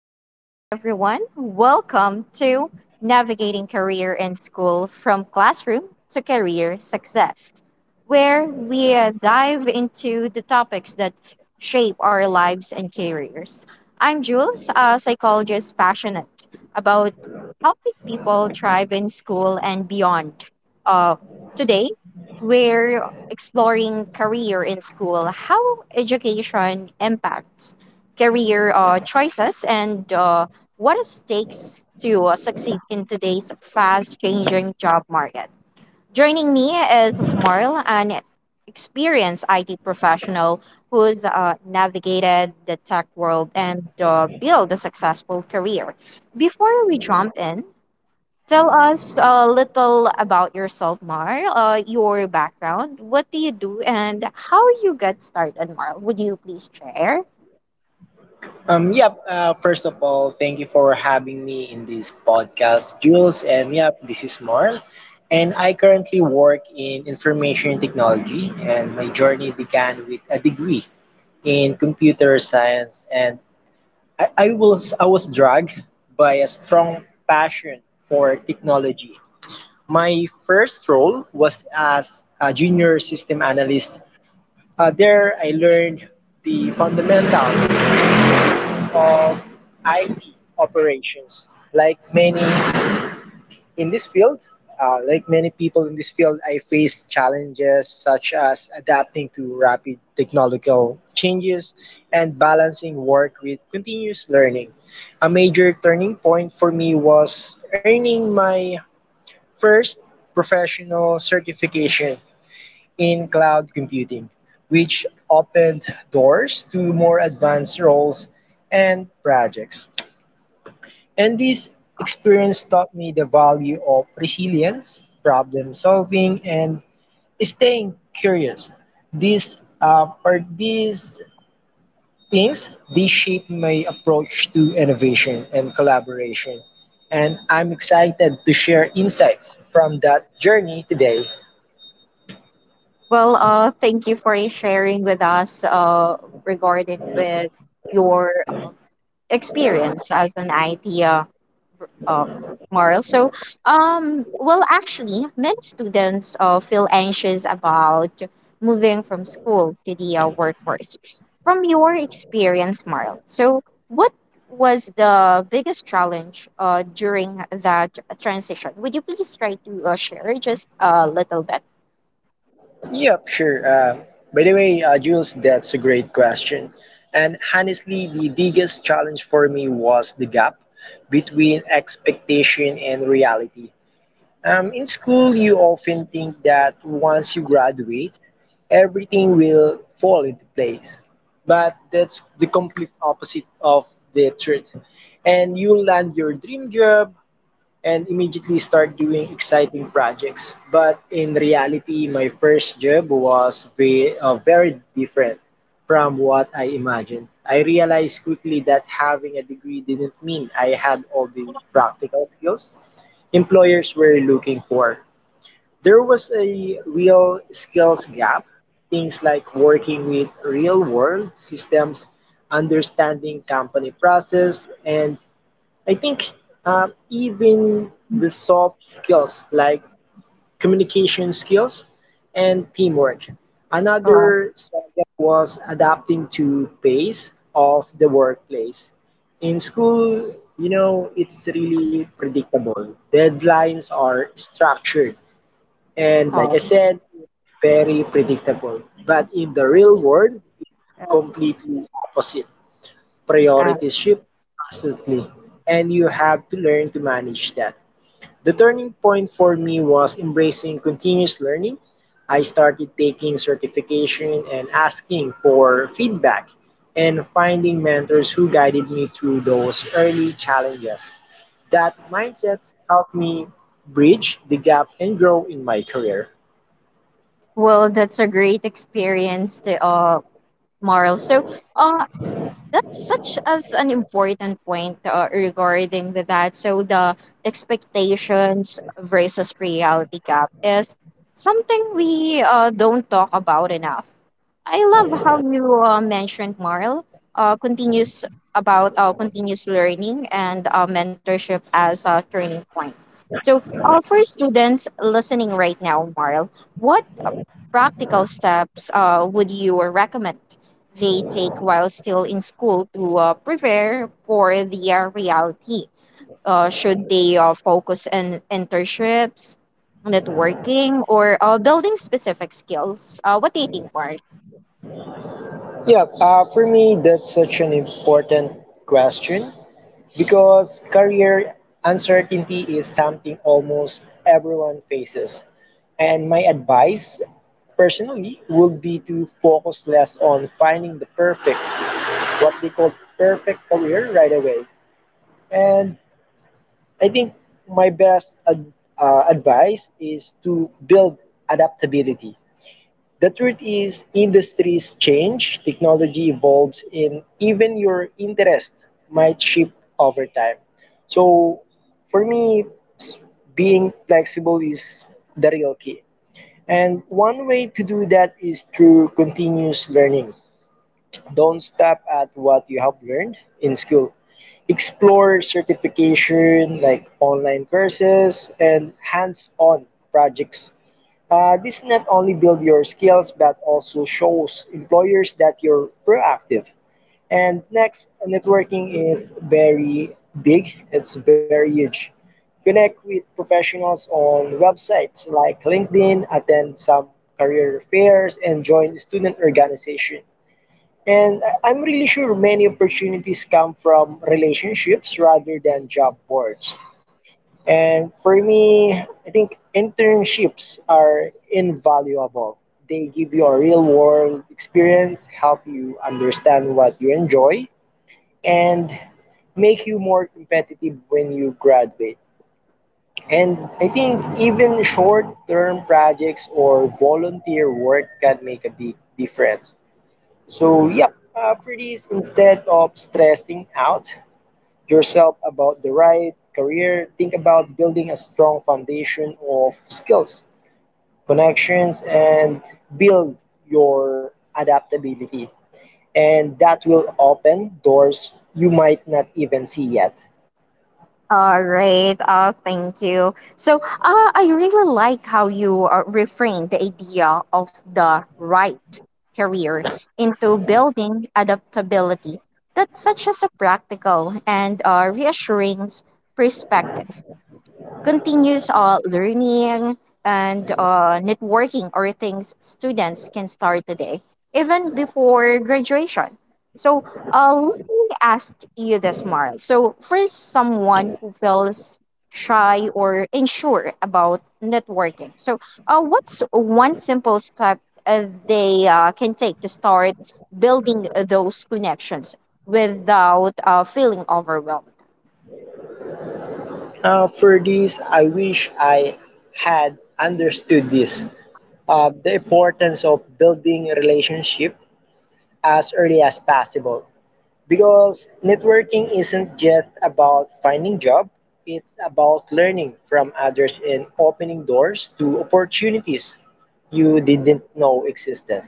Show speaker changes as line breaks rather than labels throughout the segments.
Good morning, everyone. Welcome to Navigating Career and School from Classroom to Career Success, where we dive into the topics that shape our lives and careers. I'm Jules, a psychologist passionate about helping people thrive in school and beyond. Uh, Today, we're exploring career in school, how education impacts career choices and what it takes to succeed in today's fast changing job market. Joining me is Marl, an experienced IT professional who's navigated the tech world and built a successful career. Before we jump in, tell us a little about yourself, Mar, your background. What do you do and how you got started, Mar? Would you please share?
Yep, first of all, thank you for having me in this podcast, Jules. This is Marl. And I currently work in information technology, and my journey began with a degree in computer science. And I was dragged by a strong passion for technology. My first role was as a junior system analyst. There, I learned the fundamentals of IT operations. Like many in this field, like many people in this field, I face challenges such as adapting to rapid technological changes and balancing work with continuous learning. A major turning point for me was earning my first professional certification in cloud computing, which opened doors to more advanced roles and projects. And this experience taught me the value of resilience, problem solving, and staying curious. These things they shape my approach to innovation and collaboration. And I'm excited to share insights from that journey today.
Well, thank you for sharing with us regarding with your uh, experience as an IT uh, uh, moral. So, well, actually, many students feel anxious about moving from school to the workforce. From your experience, Marl, so what was the biggest challenge during that transition? Would you please try to share just a little bit?
Yep, sure. By the way, Jules, that's a great question. And honestly, the biggest challenge for me was the gap between expectation and reality. In school, you often think that once you graduate, everything will fall into place. But that's the complete opposite of the truth. And you'll land your dream job, and immediately start doing exciting projects. But in reality, my first job was very different from what I imagined. I realized quickly that having a degree didn't mean I had all the practical skills employers were looking for. There was a real skills gap. Things like working with real world systems, understanding company process, and I think even the soft skills like communication skills and teamwork.
Uh,
Another struggle was adapting to pace of the workplace. In school, you know, it's really predictable. Deadlines are structured. And like I said, it's very predictable. But in the real world, it's completely opposite,
uh,
priorities shift constantly and you have to learn to manage that. The turning point for me was embracing continuous learning. I started taking certification and asking for feedback and finding mentors who guided me through those early challenges. That mindset helped me bridge the gap and grow in my career.
Well, that's a great experience to Marl. So uh that's such as an important point regarding with that. So the expectations versus reality gap is something we don't talk about enough. I love how you mentioned Marl continues about continuous learning and mentorship as a turning point. So for students listening right now, Marl, what practical steps would you recommend they take while still in school to prepare for the reality? Should they focus on internships, networking, or building specific skills? What do you think, Mark?
Yeah, for me, that's such an important question. Because career uncertainty is something almost everyone faces. And my advice, personally, would be to focus less on finding the perfect, what they call perfect career right away. And I think my best advice is to build adaptability. The truth is, industries change, technology evolves, and even your interest might shift over time. So, for me, being flexible is the real key. And one way to do that is through continuous learning. Don't stop at what you have learned in school. Explore certification like online courses and hands on projects. This not only build your skills but also shows employers that you're proactive. And next, networking is very big. It's very huge. Connect with professionals on websites like LinkedIn, attend some career fairs, and join student organization. And I'm really sure many opportunities come from relationships rather than job boards. And for me, I think internships are invaluable. They give you a real world experience, help you understand what you enjoy, and make you more competitive when you graduate. And I think even short term projects or volunteer work can make a big difference. So, for this, instead of stressing out, yourself about the right career, think about building a strong foundation of skills, connections, and build your adaptability. And that will open doors you might not even see yet.
All right. Oh, thank you. So, I really like how you reframed the idea of the right career into building adaptability. That's such as a practical and reassuring perspective continuous learning and networking are things students can start today, even before graduation. So, let me ask you this, Mara. So, for someone who feels shy or unsure about networking, so what's one simple step they can take to start building those connections without feeling overwhelmed?
For this, I wish I had understood this the importance of building relationship as early as possible, because networking isn't just about finding job, it's about learning from others and opening doors to opportunities you didn't know existed.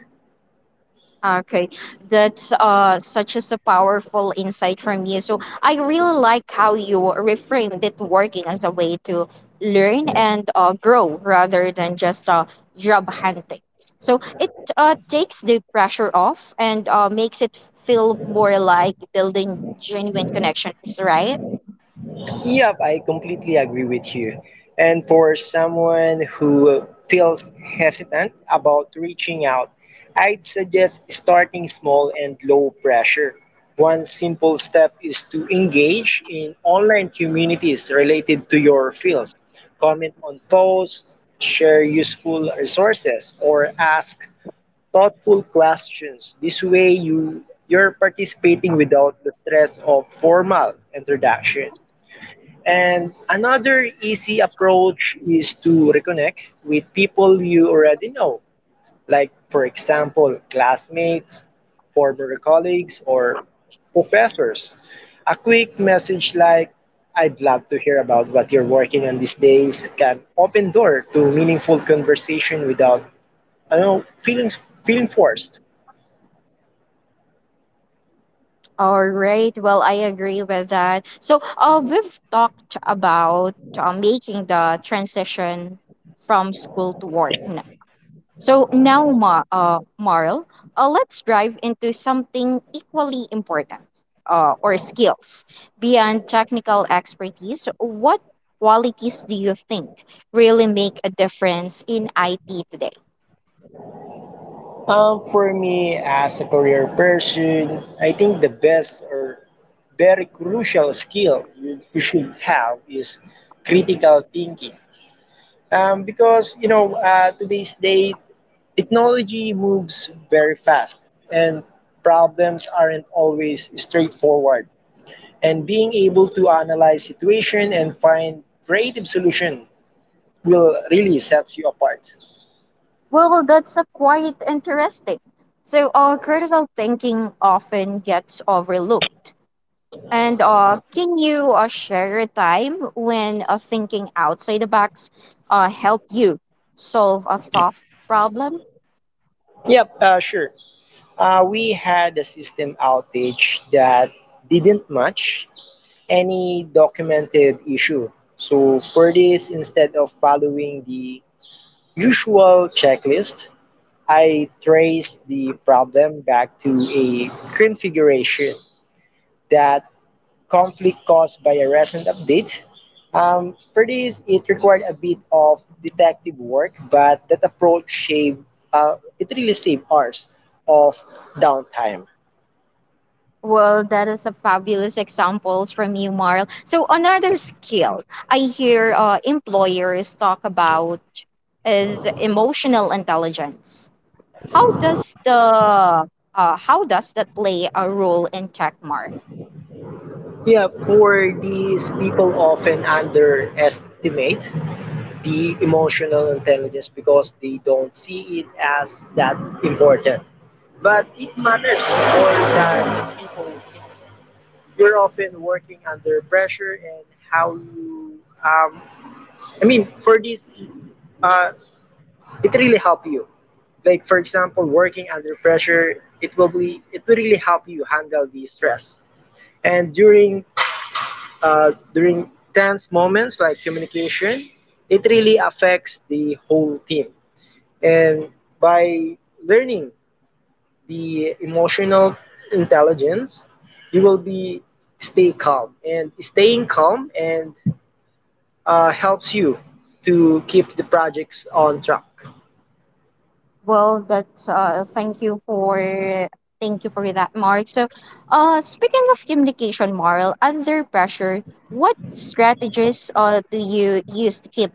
Okay, that's such as a powerful insight from you. So I really like how you reframed it working as a way to learn and grow rather than just job hunting. So it takes the pressure off and makes it feel more like building genuine connections, right?
Yep, I completely agree with you. And for someone who feels hesitant about reaching out, I'd suggest starting small and low pressure. One simple step is to engage in online communities related to your field. Comment on posts, share useful resources, or ask thoughtful questions. This way you're participating without the stress of formal introduction. And another easy approach is to reconnect with people you already know, like, for example, classmates, former colleagues, or professors. A quick message like, I'd love to hear about what you're working on these days can open door to meaningful conversation without, I don't know, feeling forced.
All right. Well, I agree with that. So, we've talked about making the transition from school to work now. So now, Marl, let's dive into something equally important, or skills. Beyond technical expertise, what qualities do you think really make a difference in IT today?
For me, as a career person, I think the best or very crucial skill you should have is critical thinking, because you know today's day technology moves very fast and problems aren't always straightforward and being able to analyze situation and find creative solution will really sets you apart.
Well, that's a quite interesting. So, critical thinking often gets overlooked. And can you share a time when thinking outside the box helped you solve a tough problem?
Yep sure. We had a system outage that didn't match any documented issue. So for this, instead of following the usual checklist, I traced the problem back to a configuration that conflict caused by a recent update. For this, it required a bit of detective work, but that approach it really saved hours of downtime.
Well, that is a fabulous examples from you, Marl. So another skill I hear employers talk about is emotional intelligence. How does the how does that play a role in tech, Mark?
Yeah, for these people often underestimate the emotional intelligence because they don't see it as that important. But it matters more than people think. You're often working under pressure and how you, I mean, for this, uh, it really helps you. Like for example, working under pressure, it will really help you handle the stress. And during tense moments like communication, it really affects the whole team. And by learning the emotional intelligence, you will be stay calm. And staying calm and helps you to keep the projects on track.
Well, that thank you for that, Mark. So, speaking of communication, Marl, under pressure, what strategies do you use to keep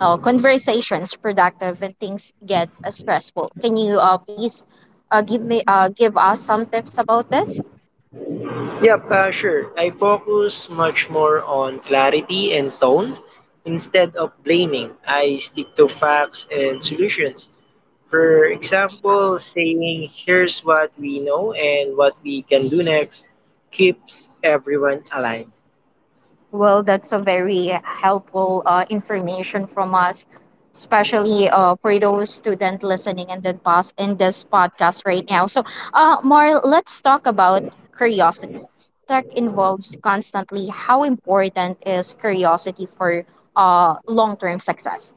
conversations productive when things get stressful. Can you please give us some tips about this?
Yep, sure. I focus much more on clarity and tone instead of blaming. I stick to facts and solutions. For example, saying here's what we know and what we can do next keeps everyone aligned.
Well, that's a very helpful information from us, especially for those student listening and then pass in this podcast right now. So, Mar, let's talk about curiosity. Tech involves constantly. How important is curiosity for long term success?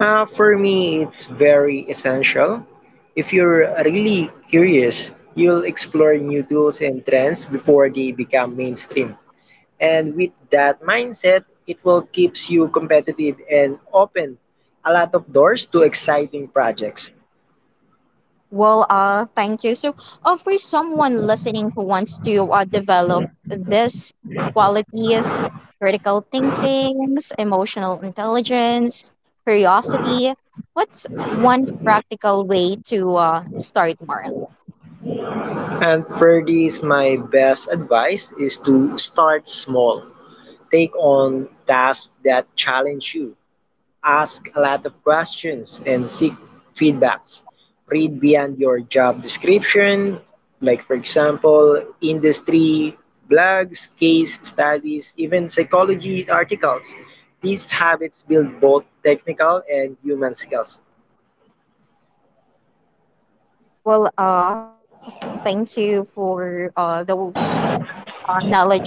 For me, it's very essential. If you're really curious, you'll explore new tools and trends before they become mainstream. And with that mindset, it will keeps you competitive and open a lot of doors to exciting projects.
Well, thank you. So, for someone listening who wants to develop this qualities, critical thinkings, emotional intelligence, curiosity, what's one practical way to start, Mara?
And for this, my best advice is to start small. Take on tasks that challenge you, ask a lot of questions and seek feedbacks. Read beyond your job description, like for example, industry blogs, case studies, even psychology articles. These habits build both technical and human skills.
Well, thank you for those knowledge mart.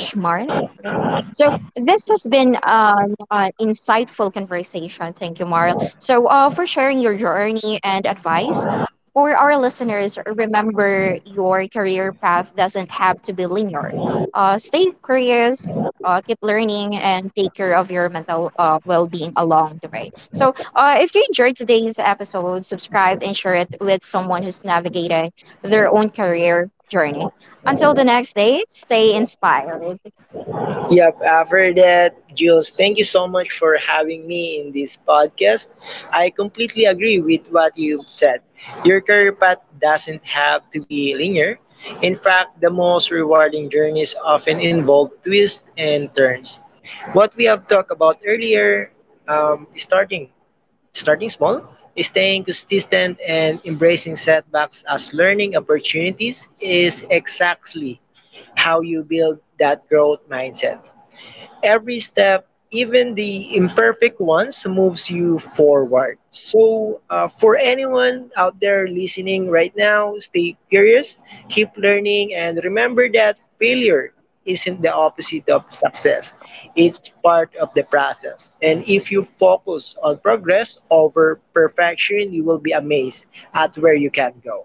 So this has been an insightful conversation. Thank you, Marl. So for sharing your journey and advice. For our listeners, remember your career path doesn't have to be linear. Stay curious, keep learning, and take care of your mental well-being along the way. So if you enjoyed today's episode, subscribe and share it with someone who's navigating their own career journey. Until the next date, stay inspired.
Yep, After that, Jules, thank you so much for having me in this podcast. I completely agree with what you've said. Your career path doesn't have to be linear. In fact, the most rewarding journeys often involve twists and turns. What we have talked about earlier, um, starting starting small, staying consistent and embracing setbacks as learning opportunities is exactly how you build that growth mindset, every step, even the imperfect ones, moves you forward. So, for anyone out there listening right now, stay curious, keep learning, and remember that failure isn't the opposite of success, it's part of the process. And if you focus on progress over perfection, you will be amazed at where you can go.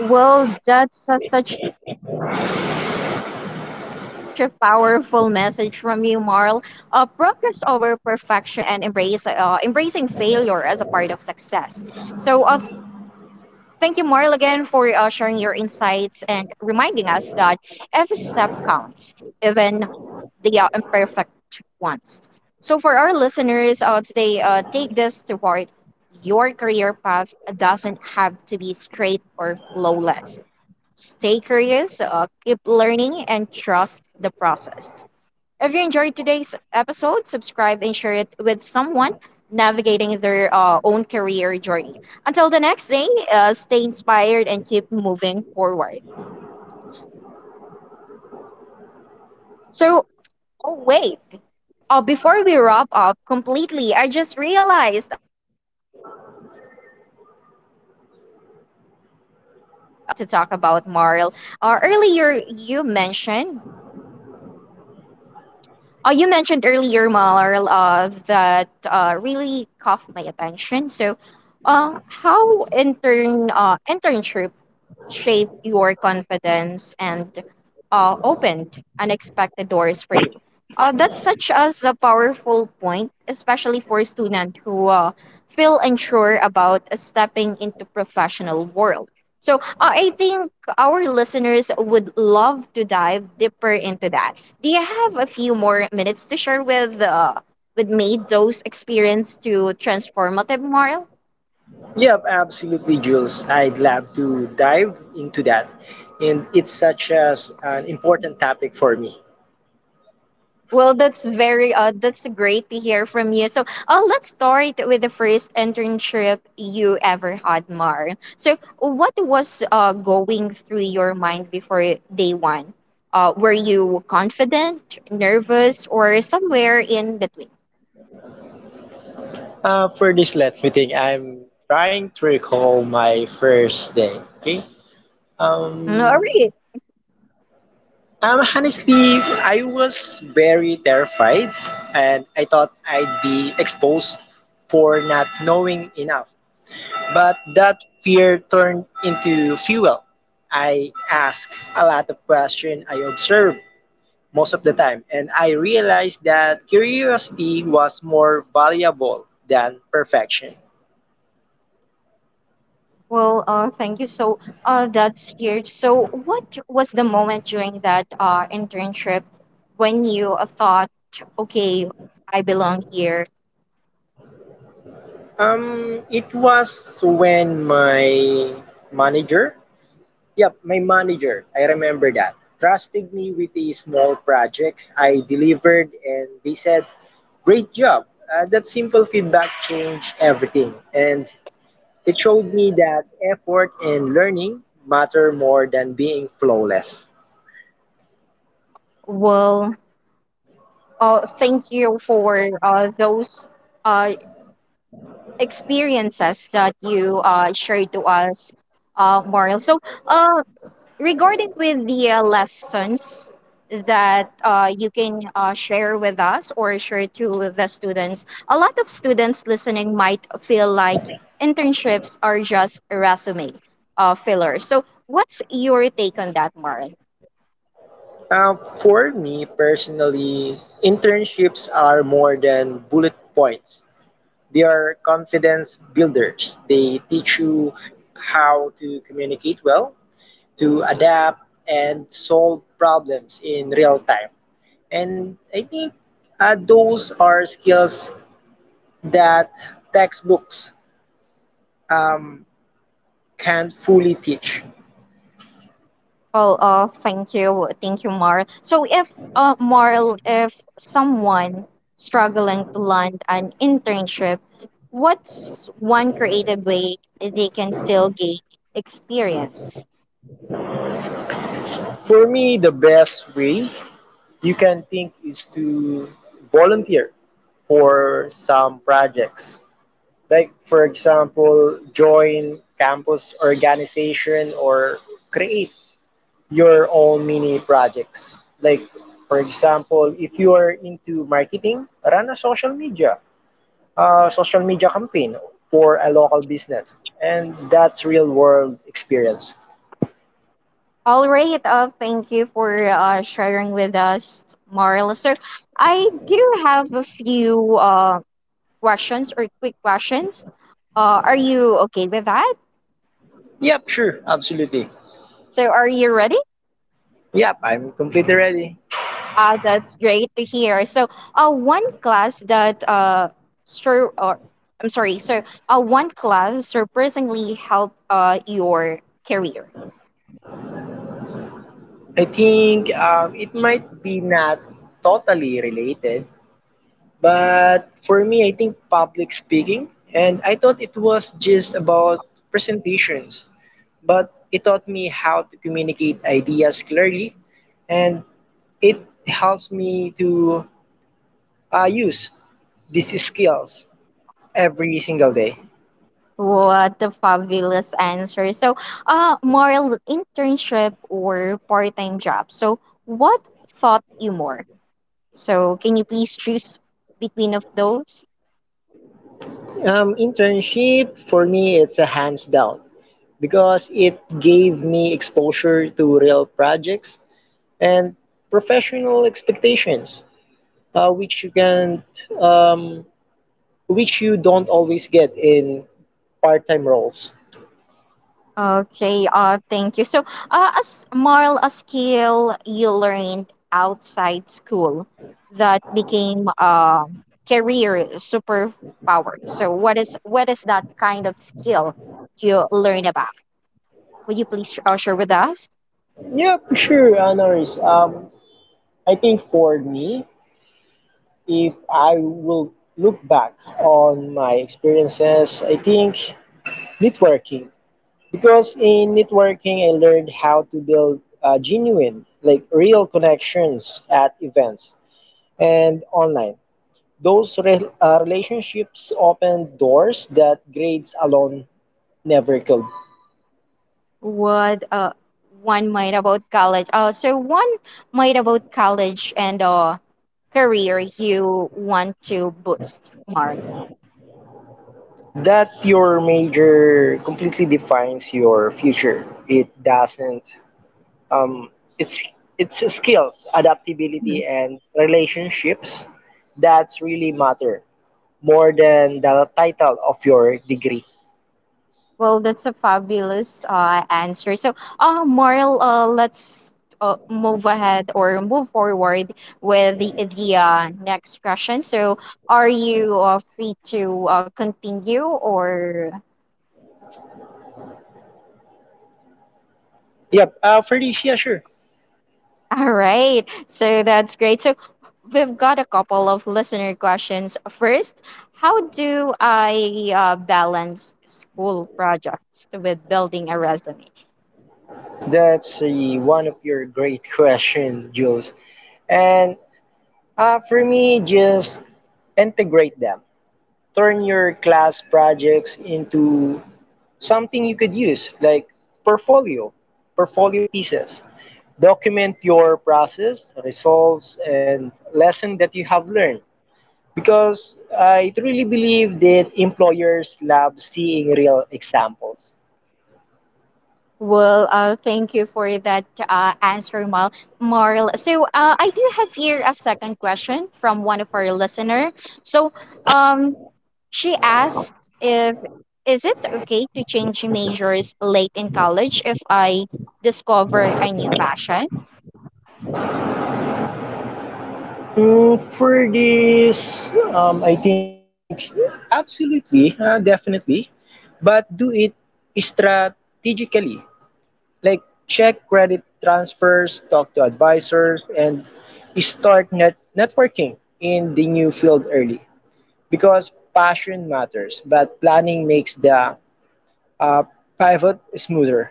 Well, that's such a powerful message from you, Marl. Progress over perfection and embrace embracing failure as a part of success. So, thank you, Marl, again for sharing your insights and reminding us that every step counts, even the imperfect ones. So, for our listeners today, take this to heart. Your career path doesn't have to be straight or flawless. Stay curious, keep learning, and trust the process. If you enjoyed today's episode, subscribe and share it with someone navigating their own career journey. Until the next day, stay inspired and keep moving forward. So, oh, wait. Before we wrap up completely, I just realized there is one more thing we need to talk about, Marl. Earlier, you mentioned earlier, Marl, that really caught my attention. So, uh, how internship shaped your confidence and opened unexpected doors for you. That's such as a powerful point, especially for students who feel unsure about stepping into professional world. So I think our listeners would love to dive deeper into that. Do you have a few more minutes to share with me those experience to transformative moral?
Yeah, absolutely, Jules. I'd love to dive into that. And it's such as an important topic for me.
Well, that's very that's great to hear from you. So, let's start with the first internship you ever had, Mar. So, what was going through your mind before day one? Were you confident, nervous, or somewhere in between?
For this, let me think. I'm trying to recall my first day. Okay.
Mm, all
Um,
right.
Honestly, I was very terrified, and I thought I'd be exposed for not knowing enough. But that fear turned into fuel. I asked a lot of questions. I observed most of the time. And I realized that curiosity was more valuable than perfection.
Well, thank you. So, that's huge. So, what was the moment during that internship when you thought, okay, I belong here?
It was when my manager, yep, my manager, I remember that, trusted me with a small project I delivered, and they said, great job. That simple feedback changed everything. And it showed me that effort and learning matter more than being flawless.
Well, thank you for those uh, experiences that you shared to us, Mariel. So, uh, regarding with the lessons that you can share with us or share to the students, a lot of students listening might feel like internships are just resume fillers. So, what's your take on that, Mariel?
Uh, for me personally, internships are more than bullet points. They are confidence builders. They teach you how to communicate well, to adapt, and solve problems in real time. And I think those are skills that textbooks um, can't fully teach.
Well, thank you, Mar. So, if Marl, if someone struggling to land an internship, what's one creative way they can still gain experience?
For me, the best way you can think is to volunteer for some projects. Like, for example, join campus organization or create your own mini projects. Like, for example, if you are into marketing, run a social media campaign for a local business. And that's real world experience.
All right, thank you for sharing with us, Marl. So, I do have a few questions or quick questions. Are you okay with that?
Yep, sure, absolutely.
So, are you ready?
Yep, I'm completely ready.
Ah, that's great to hear. So, one class that sur- or I'm sorry. So, one class surprisingly helped your career.
I think it might be not totally related, but for me, I think public speaking, and I thought it was just about presentations, but it taught me how to communicate ideas clearly, and it helps me to use these skills every single day.
What a fabulous answer. So, more internship or part-time job. So, what taught you more? So, can you please choose between of those?
Internship for me, it's a hands down because it gave me exposure to real projects and professional expectations, which you can, um, which you don't always get in part-time roles.
Okay, thank you. So, as Marl, a skill you learned outside school that became career superpower. So, what is that kind of skill you learn about? Would you please share with us
Yeah, for sure, Honoris. I think for me, if I will look back on my experiences, I think networking. Because in networking, I learned how to build genuine, like real connections at events and online. Those relationships open doors that grades alone never could.
what one might about college? So one might about college and career you want to boost, Marl.
That your major completely defines your future. It doesn't. Um, it's it's skills, adaptability, and relationships that really matter more than the title of your degree.
Well, that's a fabulous answer. So, Marl, let's move ahead or move forward with the next question. So, are you free to continue or?
Yep, for this, yeah, sure.
All right. So that's great. So we've got a couple of listener questions. First, how do I balance school projects with building a resume?
That's one of your great questions, Jules. And for me, just integrate them. Turn your class projects into something you could use, like portfolio, portfolio pieces. Document your process, results, and lesson that you have learned. Because I truly believe that employers love seeing real examples.
Well, thank you for that answer, Mal. Marl. So, I do have here a second question from one of our listener. So, um, she asked if is it okay to change majors late in college if I discover a new passion?
For this, I think absolutely, definitely, but do it strategically. Like check credit transfers, talk to advisors, and start networking in the new field early. Because passion matters, but planning makes the uh, pivot smoother.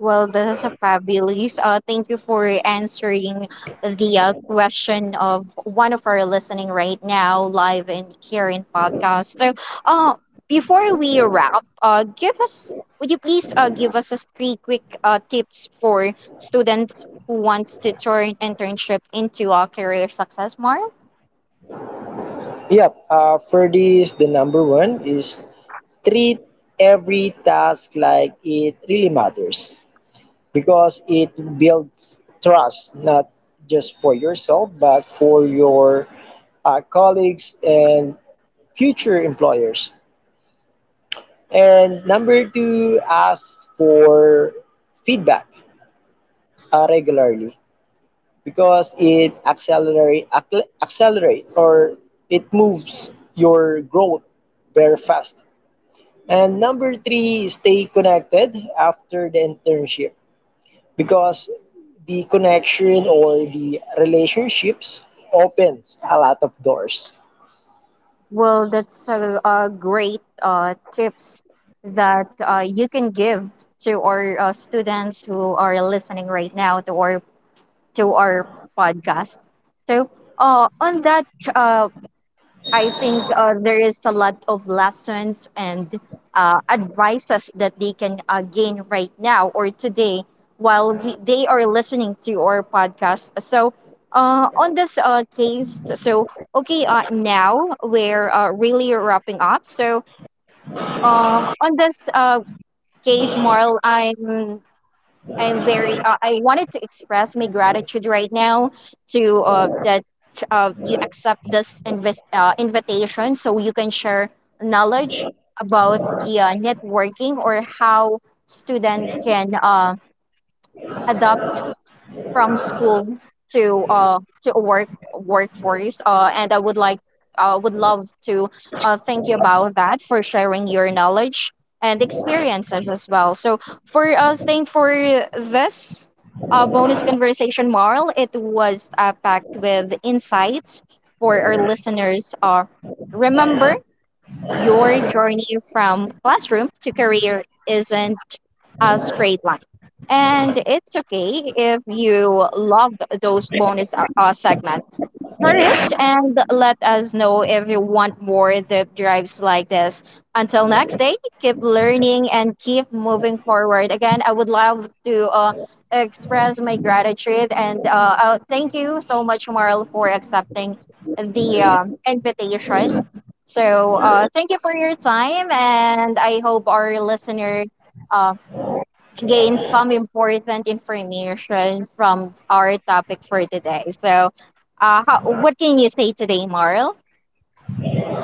Well, that's a fabulous. Thank you for answering the question of one of our listening right now, live in here in podcast. So, uh, before we wrap, give us would you please give us just three quick tips for students who wants to turn internship into a career success, Mar?
Yep, for this, the number one is treat every task like it really matters because it builds trust, not just for yourself, but for your colleagues and future employers. And number two, ask for feedback regularly because it accelerate or it moves your growth very fast. And number three, stay connected after the internship because the connection or the relationships opens a lot of doors.
Well, that's a great tips that you can give to our students who are listening right now to our podcast. So, on that uh, I think there is a lot of lessons and advices that they can gain right now or today while we, they are listening to our podcast. So, on this case, okay, now we're really wrapping up. So, on this case, Marl, I am very. I wanted to express my gratitude right now to that you accept this invitation, so you can share knowledge about the networking or how student can adopt from school to a workforce and I would like would love to thank you about that for sharing your knowledge and experiences as well. So for staying for this bonus conversation, Marl, it was packed with insights for our listeners. Remember your journey from classroom to career isn't a straight line. And it's okay if you love those bonus segments for it and let us know if you want more deep drives like this. Until next day, keep learning and keep moving forward. Again, I would love to express my gratitude and thank you so much, Marl, for accepting the invitation. So, thank you for your time, and I hope our listener. Um, Gain some important information from our topic for today. So, what can you say today, Marl?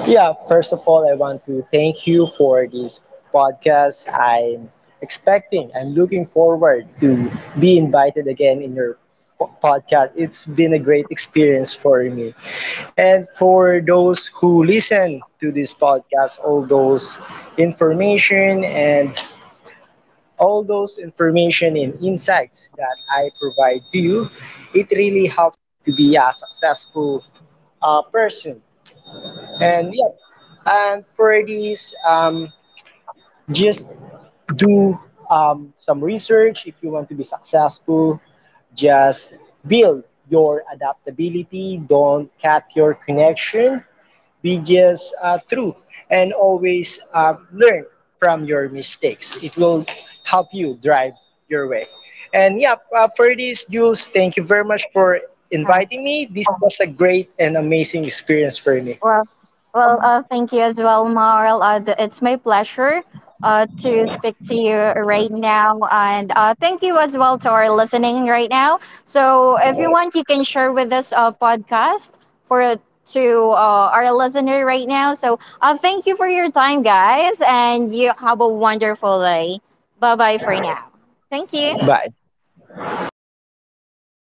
Yeah, first of all, I want to thank you for this podcast. I'm looking forward to be invited again in your podcast. It's been a great experience for me. And for those who listen to this podcast, information and all those information and insights that I provide to you, it really helps to be a successful person. And yeah, and for this, just do some research if you want to be successful. Just build your adaptability. Don't cut your connection. Be just true and always learn from your mistakes. It will help you drive your way. And yeah, for this, Jules, thank you very much for inviting me. This was a great and amazing experience for me.
Well, well, thank you as well, Marl. It's my pleasure to speak to you right now. And thank you as well to our listening right now. So, if you want, you can share with us a podcast for to our listener right now. So, thank you for your time, guys, and you have a wonderful day. Bye bye for now. Thank you.
Bye.